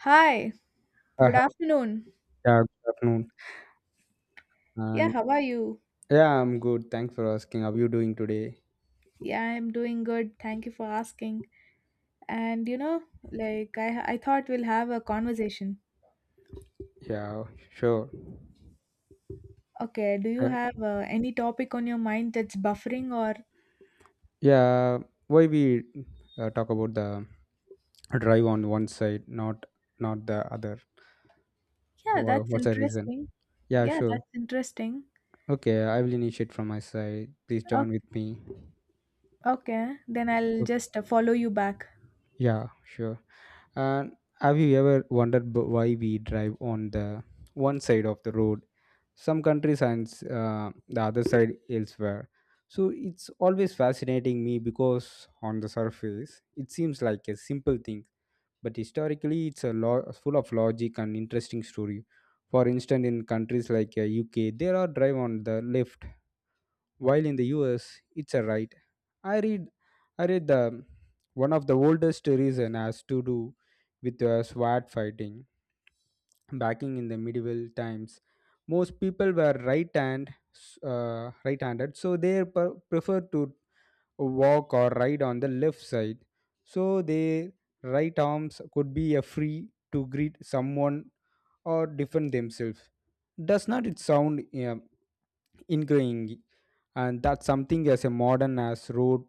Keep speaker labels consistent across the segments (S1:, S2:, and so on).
S1: Hi, good
S2: Hi.
S1: afternoon.
S2: Yeah, good afternoon.
S1: Yeah,
S2: And
S1: how are you?
S2: yeah, I'm good. Thanks for asking. How are you doing today?
S1: Yeah, I'm doing good. Thank you for asking. And you know, like I I thought we'll have a conversation.
S2: Yeah, sure.
S1: Okay, do you
S2: Uh,
S1: have any topic on your mind that's buffering or.
S2: yeah, why we talk about the drive on one side, not not the other?
S1: Yeah, that's
S2: What's the reason?
S1: interesting.
S2: Yeah,
S1: Yeah,
S2: sure.
S1: that's interesting.
S2: Okay, I will initiate from my side. Please join
S1: Okay,
S2: with me.
S1: okay. Then I'll
S2: Okay.
S1: just follow you back.
S2: Yeah, sure. And have you ever wondered why we drive on the one side of the road some countries and the other side elsewhere. So it's always fascinating me because on the surface it seems like a simple thing, but historically it's a full of logic and interesting story. For instance, in countries like UK, there are drive on the left, while in the US it's a right. I read, I read the one of the oldest reason has to do with sword fighting. Backing in the medieval times, most people were right-handed, so they preferred to walk or ride on the left side. So their right arms could be a free to greet someone or defend themselves. Does not it sound ingrained? And that's something as a modern as road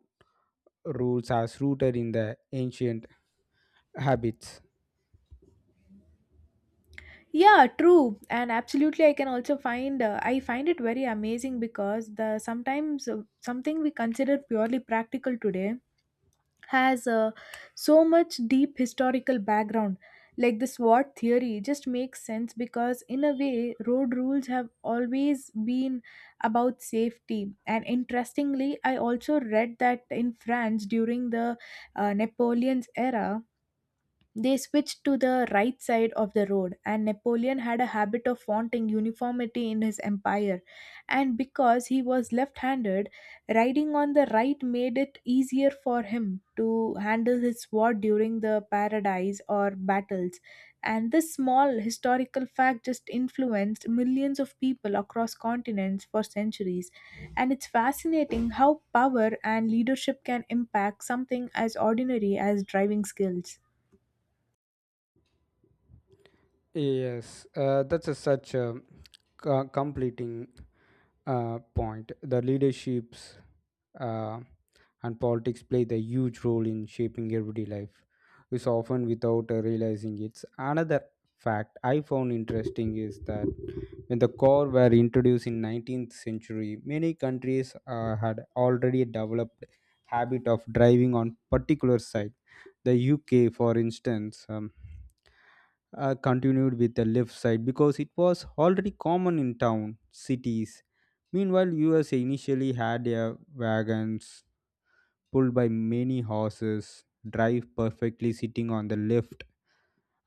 S2: rules as rooted in the ancient habits.
S1: Yeah, true. And absolutely I can also find I find it very amazing because the sometimes something we consider purely practical today has so much deep historical background, like the swot theory just makes sense because in a way road rules have always been about safety. And interestingly I also read that in France during the Napoleon's era they switched to the right side of the road, and Napoleon had a habit of wanting uniformity in his empire. And because he was left handed, riding on the right made it easier for him to handle his sword during the paradise or battles. And this small historical fact just influenced millions of people across continents for centuries. And it's fascinating how power and leadership can impact something as ordinary as driving skills.
S2: Yes, that's a such a completing point. The leaderships uh, and politics play the huge role in shaping everyday life, is often without realizing it. Another fact I found interesting is that when the car were introduced in 19th century, many countries had already developed habit of driving on particular side. The UK, for instance. Continued with the left side because it was already common in town cities. Meanwhile, USA initially had their wagons pulled by many horses drive perfectly sitting on the left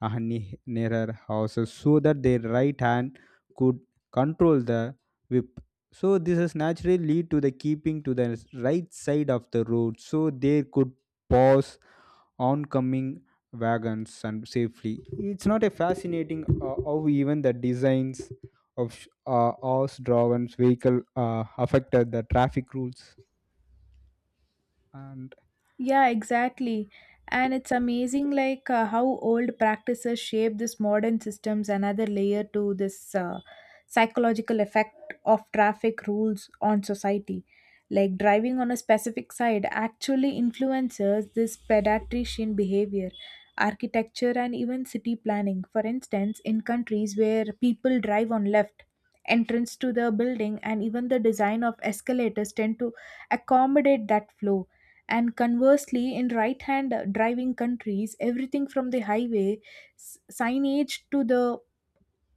S2: nearer houses so that their right hand could control the whip. So this is naturally lead to the keeping to the right side of the road so they could pause oncoming wagons and safely. It's not a fascinating how even the designs of horse-drawn vehicle affected the traffic rules and
S1: Yeah, exactly. And it's amazing, like how old practices shape this modern systems. Another layer to this psychological effect of traffic rules on society, like driving on a specific side, actually influences this pedestrian behavior, architecture, and even city planning. For instance, in countries where people drive on left, entrance to the building and even the design of escalators tend to accommodate that flow. And conversely, in right hand driving countries, everything from the highway signage to the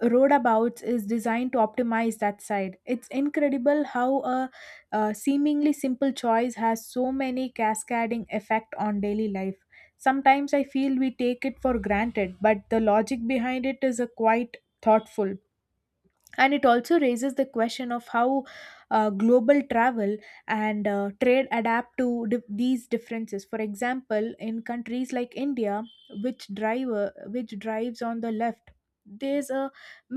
S1: roadabouts is designed to optimize that side. It's incredible how a seemingly simple choice has so many cascading effect on daily life. Sometimes I feel we take it for granted, but the logic behind it is a quite thoughtful, and it also raises the question of how global travel and trade adapt to these differences. For example, in countries like India, which drives on the left, there's a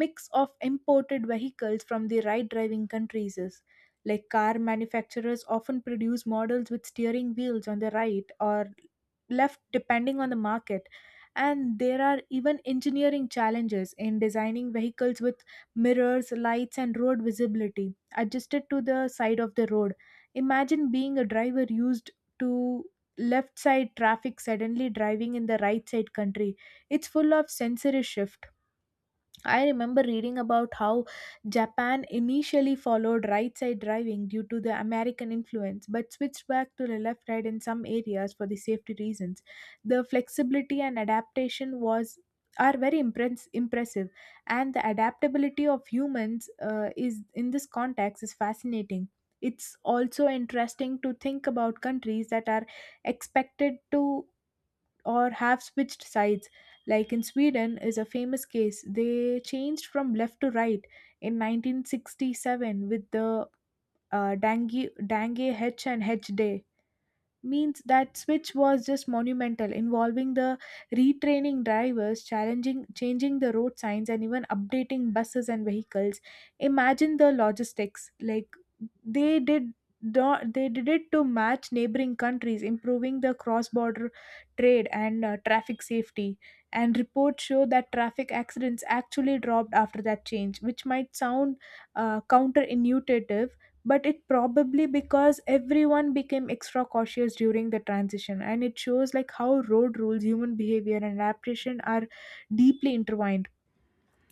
S1: mix of imported vehicles from the right driving countries is. Like car manufacturers often produce models with steering wheels on the right or left depending on the market, and there are even engineering challenges in designing vehicles with mirrors, lights, and road visibility adjusted to the side of the road. Imagine being a driver used to left side traffic suddenly driving in the right side country. It's full of sensory shift. I remember reading about how Japan initially followed right side driving due to the American influence, but switched back to the left side in some areas for the safety reasons. The flexibility and adaptation was are very impressive, and the adaptability of humans is in this context is fascinating. It's also interesting to think about countries that are expected to or have switched sides. Like in Sweden is a famous case. They changed from left to right in 1967 with the Dange H and H Day, means that switch was just monumental, involving the retraining drivers, challenging, changing the road signs, and even updating buses and vehicles. Imagine the logistics. Like they did, they did it to match neighboring countries, improving the cross-border trade and traffic safety. And reports show that traffic accidents actually dropped after that change, which might sound counterintuitive, but it probably because everyone became extra cautious during the transition. And it shows like how road rules, human behavior and adaptation are deeply intertwined.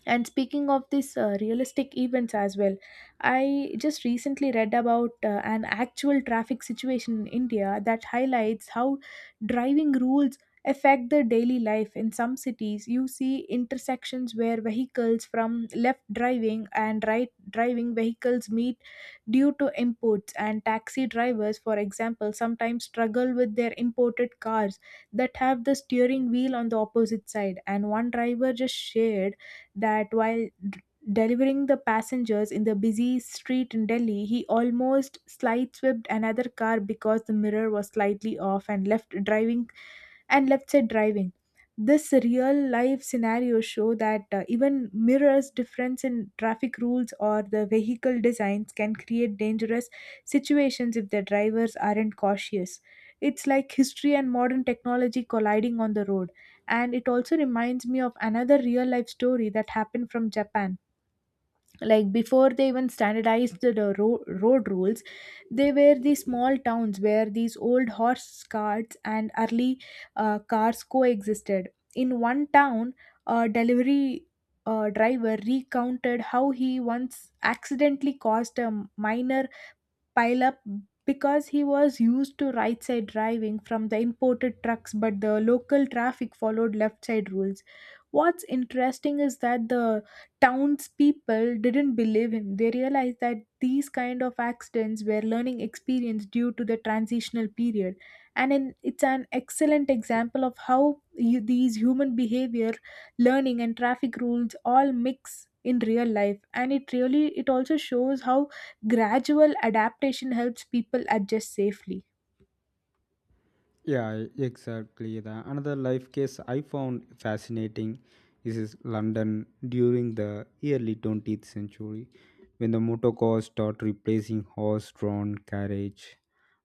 S1: And speaking of these realistic events as well, I just recently read about an actual traffic situation in India that highlights how driving rules affect the daily life. In some cities, you see intersections where vehicles from left driving and right driving vehicles meet due to imports, and taxi drivers, for example, sometimes struggle with their imported cars that have the steering wheel on the opposite side. And one driver just shared that while delivering the passengers in the busy street in Delhi, he almost sideswiped another car because the mirror was slightly off and left driving and left side driving. This real life scenario show that even mirrors difference in traffic rules or the vehicle designs can create dangerous situations if the drivers aren't cautious. It's like history and modern technology colliding on the road. And it also reminds me of another real life story that happened from Japan, like before they even standardized the road rules, they were the small towns where these old horse carts and early cars coexisted. In one town, a delivery driver recounted how he once accidentally caused a minor pile up because he was used to right side driving from the imported trucks, but the local traffic followed left side rules. What's interesting is that the townspeople didn't believe him. They realized that these kind of accidents were learning experience due to the transitional period, and in, it's an excellent example of how you, these human behavior, learning, and traffic rules all mix in real life. And it really it also shows how gradual adaptation helps people adjust safely.
S2: Exactly. The another life case I found fascinating is London during the early 20th century when the motor cars started replacing horse-drawn carriage.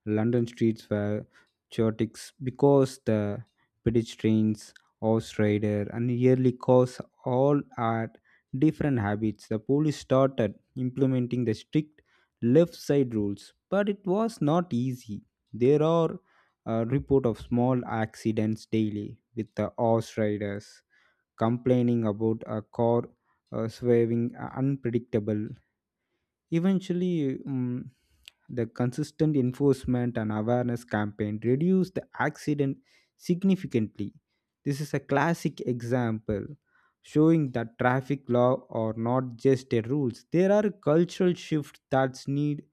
S2: London streets were chaotic because the pedestrians, horse rider, and yearly cars all had different habits. The police started implementing the strict left side rules, but it was not easy. There are a report of small accidents daily with the horse riders complaining about a car swerving unpredictable. Eventually, the consistent enforcement and awareness campaign reduced the accident significantly. This is a classic example showing that traffic law are not just a rules, there are cultural shifts that need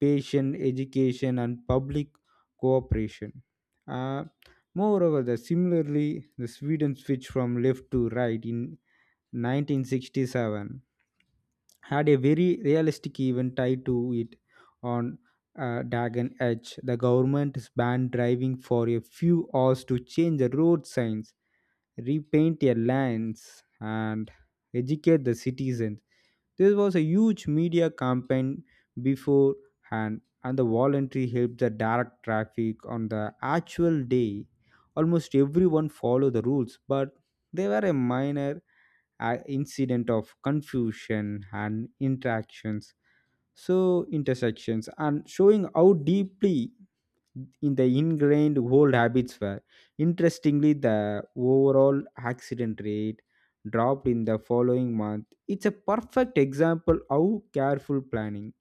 S2: patient education and public cooperation. Uh, Moreover, similarly, the Sweden switch from left to right in 1967 had a very realistic event tied to it on Dagen Edge. The government is banned driving for a few hours to change the road signs, repaint their lines, and educate the citizens. There was a huge media campaign beforehand, and the voluntary helped the direct traffic on the actual day. Almost everyone followed the rules, but they were a minor incident of confusion and interactions, so intersections, and showing how deeply in the ingrained old habits were. Interestingly, the overall accident rate dropped in the following month. It's a perfect example how careful planning,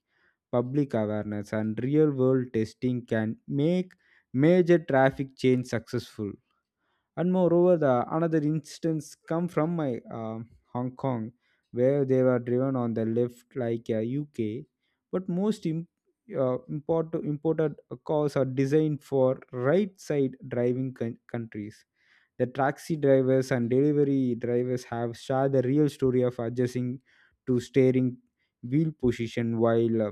S2: public awareness, and real world testing can make major traffic change successful. And moreover the another instance come from my uh, Hong Kong, where they were driven on the left like UK, but most imported cars are designed for right side driving countries. The taxi drivers and delivery drivers have shared the real story of adjusting to steering wheel position while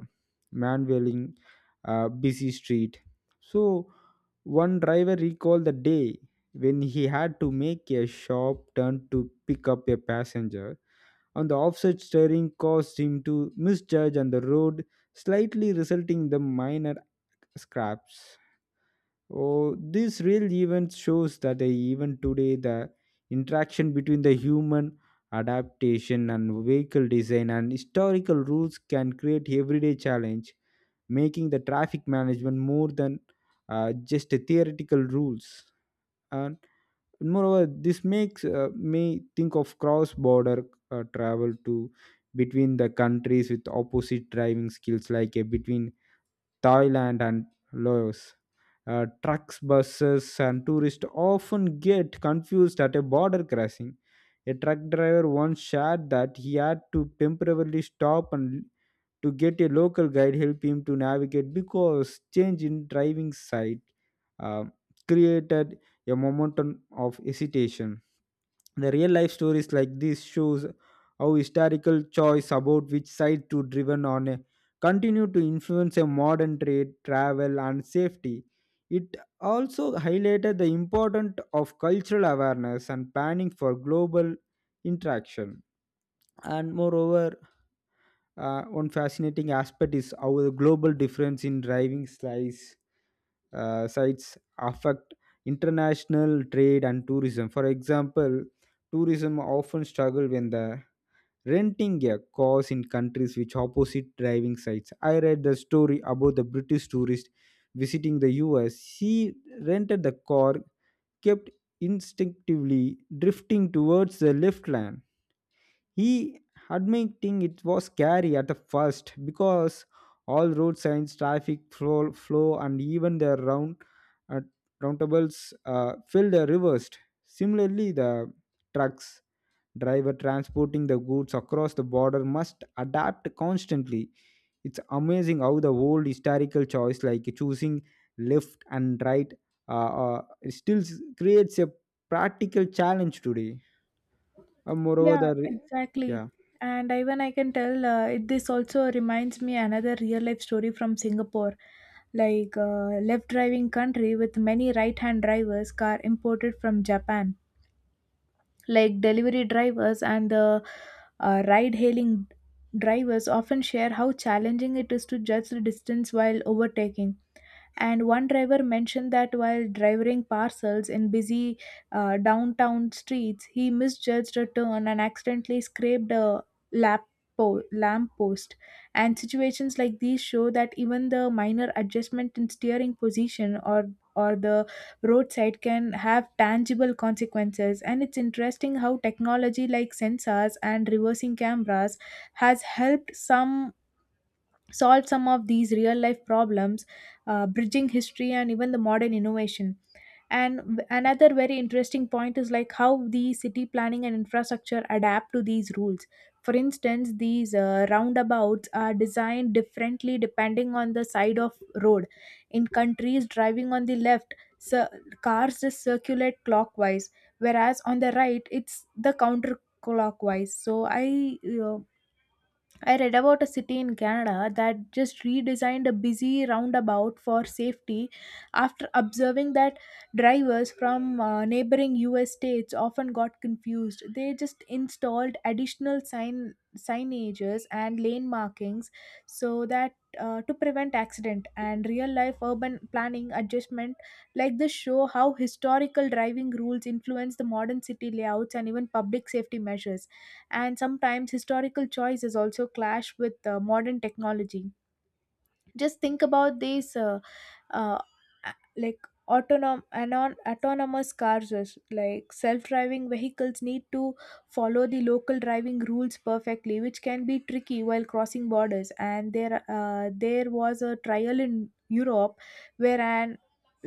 S2: manhandling busy street. So one driver recalled the day when he had to make a sharp turn to pick up a passenger, and the offset steering caused him to misjudge on the road, slightly resulting in the minor scraps. Oh, this real event shows that even today the interaction between the human adaptation and vehicle design and historical rules can create everyday challenge, making the traffic management more than just a theoretical rules. And moreover this makes me think of cross border travel to between the countries with opposite driving skills like between Thailand and Laos. Trucks, buses and tourists often get confused at a border crossing. A truck driver once shared that he had to temporarily stop and to get a local guide help him to navigate because change in driving site um, created a momentum of hesitation. The real life stories like this shows how historical choice about which side to driven on a continue to influence a modern trade travel and safety. It also highlighted the importance of cultural awareness and planning for global interaction. And moreover one fascinating aspect is how the global difference in driving size sites affect international trade and tourism. For example, tourism often struggle when the renting a cars in countries which opposite driving sites. I read the story about the British tourist visiting the US. She rented the car, kept instinctively drifting towards the left lane. He admitting it was scary at the first because all road signs, traffic flow and even the uh, roundaboutes filled the reversed. Similarly, the trucks driver transporting the goods across the border must adapt constantly. It's amazing how the old historical choice like choosing left and right uh, uh, still creates a practical challenge today. Uh, moreover,
S1: Yeah,
S2: the re-
S1: exactly.
S2: yeah.
S1: And even I can tell it, this also reminds me another real life story from Singapore, like left driving country with many right hand drivers car imported from Japan. Like delivery drivers and the ride hailing drivers often share how challenging it is to judge the distance while overtaking. And one driver mentioned that while driving parcels in busy downtown streets, he misjudged a turn and accidentally scraped a lap lamp post. And situations like these show that even the minor adjustment in steering position or the roadside can have tangible consequences. And it's interesting how technology like sensors and reversing cameras has helped some solved some of these real life problems, bridging history and even the modern innovation. And another very interesting point is like how the city planning and infrastructure adapt to these rules. For instance, these roundabouts are designed differently depending on the side of road. In countries driving on the left, so cars just circulate clockwise, whereas on the right it's the counter clockwise. So uh, I read about a city in Canada that just redesigned a busy roundabout for safety after observing that drivers from neighboring US states often got confused. They just installed additional sign signages and lane markings so that to prevent accident. And real life urban planning adjustment like this show how historical driving rules influence the modern city layouts and even public safety measures. And sometimes historical choices also clash with modern technology. Just think about these uh, like autonomous cars. Is like self-driving vehicles need to follow the local driving rules perfectly, which can be tricky while crossing borders. And there was a trial in Europe where an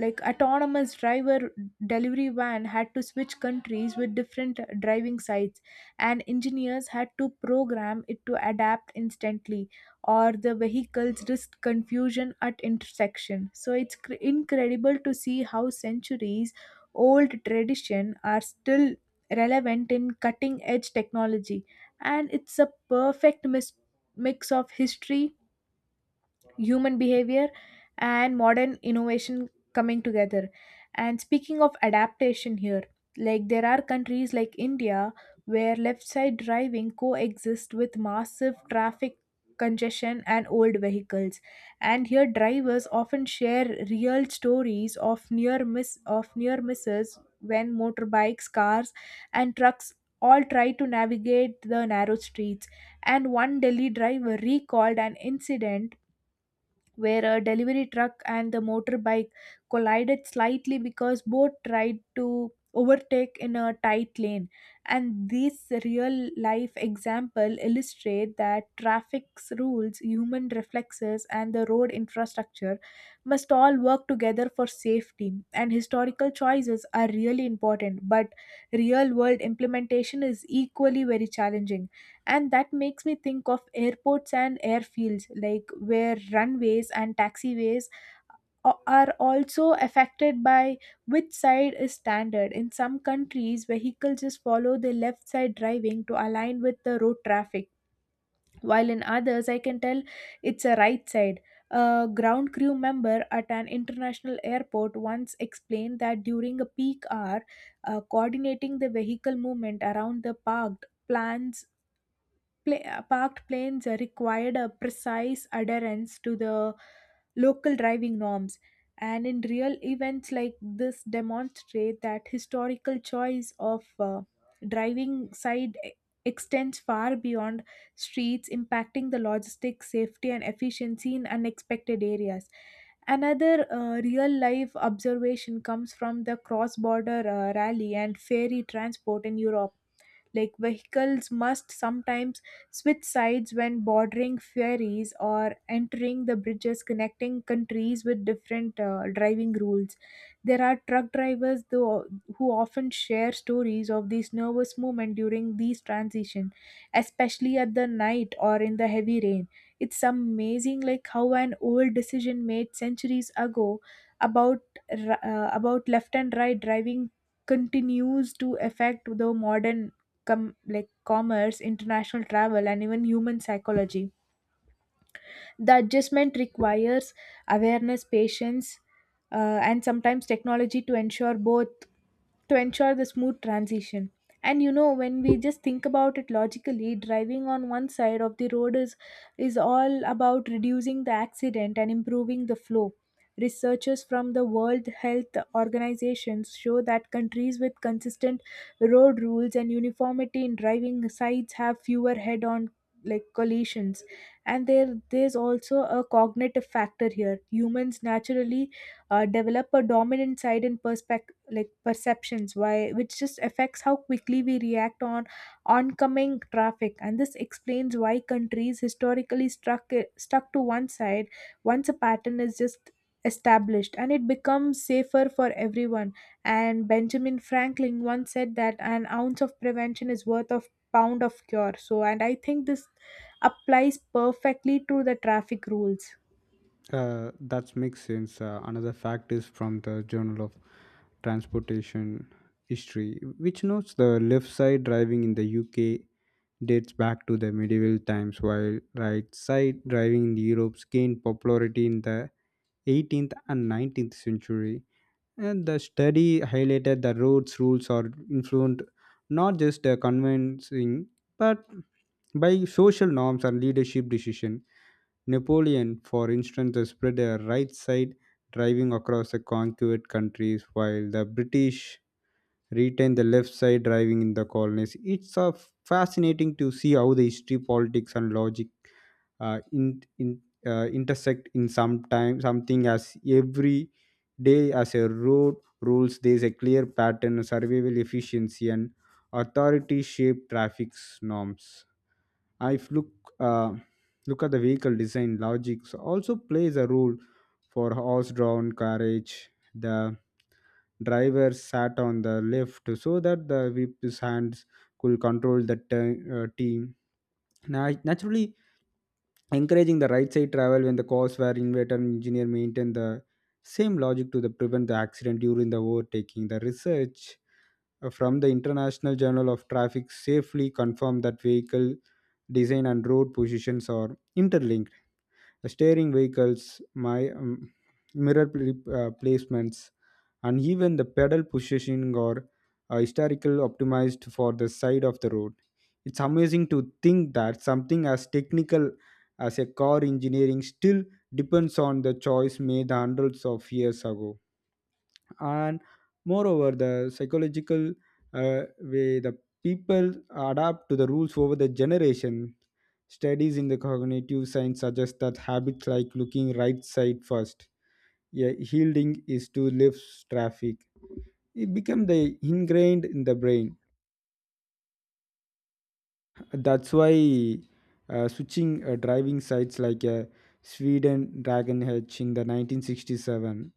S1: like autonomous driver delivery van had to switch countries with different driving sites, and engineers had to program it to adapt instantly or the vehicles risk confusion at intersection. So it's incredible to see how centuries old tradition are still relevant in cutting edge technology. And it's a perfect mix of history, human behavior, and modern innovation coming together. And speaking of adaptation here, like there are countries like India where left side driving coexists with massive traffic congestion and old vehicles. And here drivers often share real stories of near misses when motorbikes, cars, and trucks all try to navigate the narrow streets. And one Delhi driver recalled an incident where a delivery truck and the motorbike collided slightly because both tried to overtake in a tight lane. And this real life example illustrate that traffic's rules, human reflexes, and the road infrastructure must all work together for safety. And historical choices are really important, but real world implementation is equally very challenging. And that makes me think of airports and airfields, like where runways and taxiways are also affected by which side is standard. In some countries vehicles just follow the left side driving to align with the road traffic, while in others I can tell it's a right side. A ground crew member at an international airport once explained that during a peak hour, coordinating the vehicle movement around the parked planes required a precise adherence to the local driving norms. And in real events like this demonstrate that historical choice of driving side extends far beyond streets, impacting the logistics, safety and efficiency in unexpected areas. Another real life observation comes from the cross border rally and ferry transport in Europe. Like vehicles must sometimes switch sides when bordering ferries or entering the bridges connecting countries with different driving rules. There are truck drivers though who often share stories of these nervous movement during these transition, especially at the night or in the heavy rain. It's amazing like how an old decision made centuries ago about about left and right driving continues to affect the modern like commerce, international travel, and even human psychology. The adjustment requires awareness, patience, uh, and sometimes technology to ensure the smooth transition. And you know, when we just think about it logically, driving on one side of the road is all about reducing the accident and improving the flow. Researchers from the World Health Organizations show that countries with consistent road rules and uniformity in driving sites have fewer head-on like collisions. And there's also a cognitive factor here. Humans naturally develop a dominant side in perspective like perceptions why, which just affects how quickly we react on oncoming traffic. And this explains why countries historically struck stuck to one side once a pattern is just established, and it becomes safer for everyone. And Benjamin Franklin once said that an ounce of prevention is worth of pound of cure, so and I think this applies perfectly to the traffic rules.
S2: That makes sense. Another fact is from the Journal of Transportation History, which notes the left side driving in the UK dates back to the medieval times, while right side driving in Europe gained popularity in the 18th and 19th century. And the study highlighted the roads rules are influenced not just the convincing, but by social norms and leadership decision. Napoleon, for instance, spread a right side driving across the conquered countries, while the British retained the left side driving in the colonies. It's fascinating to see how the history, politics, and logic intersect in some time, something as every day as a road rules. There's a clear pattern, survival efficiency, and authority shape traffic norms. If uh, look at the vehicle design, logics also plays a role for horse-drawn carriage. The driver sat on the left so that the whip's hands could control the team. Naturally, encouraging the right side travel when the cars were inverter engineer maintained the same logic to the prevent the accident during the overtaking. The research from the International Journal of Traffic safely confirm that vehicle design and road positions are interlinked. Steering vehicles, my mirror pl- placements, and even the pedal positioning are historical optimized for the side of the road. It's amazing to think that something as technical as a car engineering still depends on the choice made hundreds of years ago. And moreover the psychological way the people adapt to the rules over the generation, studies in the cognitive science suggest that habits like looking right side first, yeah, yielding is to left traffic, it become the ingrained in the brain. That's why switching driving sites like Sweden Dragon H in the 1967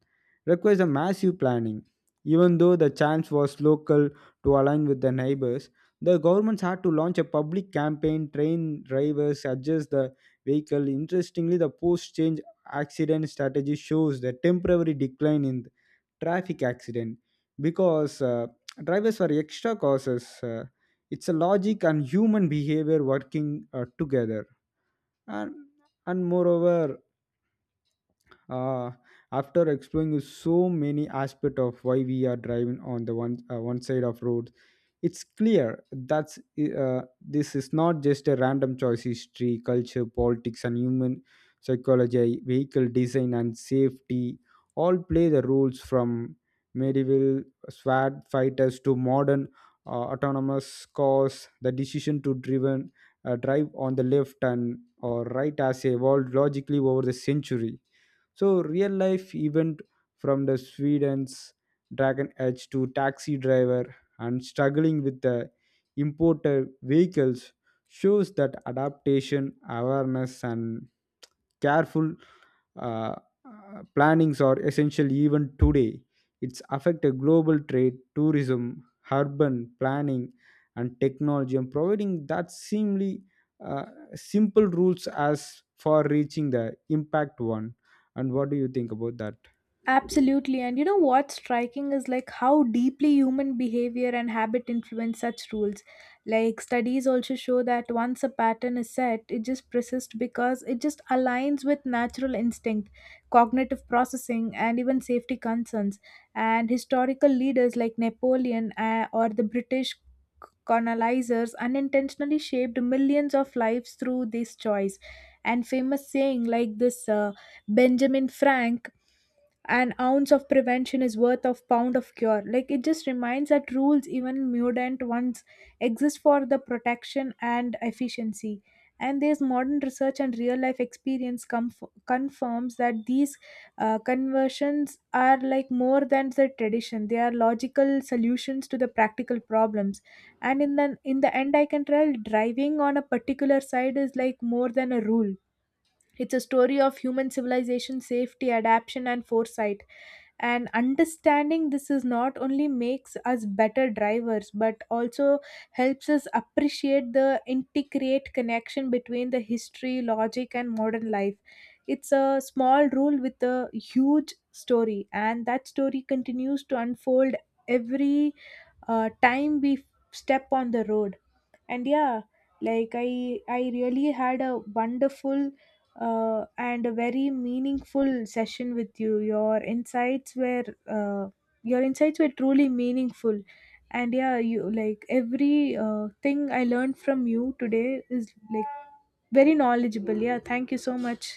S2: requires a massive planning. Even though the chance was local to align with the neighbors, the governments had to launch a public campaign, train drivers, adjust the vehicle. Interestingly, the post change accident strategy shows the temporary decline in traffic accident because drivers were extra causes. It's a logic and human behavior working together. And and moreover uh, after exploring so many aspects of why we are driving on the one side of road, it's clear that this is not just a random choice. History, culture, politics, and human psychology, vehicle design, and safety all play the roles from medieval swat fighters to modern autonomous cars. The decision to drive on the left and or right has evolved logically over the century. So real life event from the Sweden's Dragon Edge to taxi driver and struggling with the imported vehicles shows that adaptation, awareness and careful uh, plannings are essential even today. It's affected global trade, tourism, urban planning, and technology, and providing that seemingly uh, simple rules as for reaching the impact one. And what do you think about that?
S1: Absolutely. And you know what's striking is like how deeply human behavior and habit influence such rules. Like studies also show that once a pattern is set, it just persists because it just aligns with natural instinct, cognitive processing, and even safety concerns. And historical leaders like Napoleon or the British colonizers unintentionally shaped millions of lives through this choice. And famous saying like this Benjamin Frank, an ounce of prevention is worth of pound of cure, like it just reminds that rules, even mudant ones, exist for the protection and efficiency. And there's modern research and real life experience confirms that these conversions are like more than the tradition. They are logical solutions to the practical problems. And in the end I can tell driving on a particular side is like more than a rule. It's a story of human civilization, safety, adaptation, and foresight. And understanding this is not only makes us better drivers, but also helps us appreciate the intricate connection between the history, logic, and modern life. It's a small rule with a huge story, and that story continues to unfold every time we step on the road. And yeah, like I really had a wonderful and a very meaningful session with you. Your insights were uh, truly meaningful. And yeah, you like every thing I learned from you today is like very knowledgeable. Yeah, thank you so much.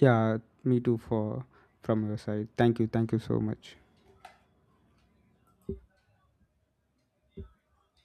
S2: Yeah, me too. For from your side, thank you so much.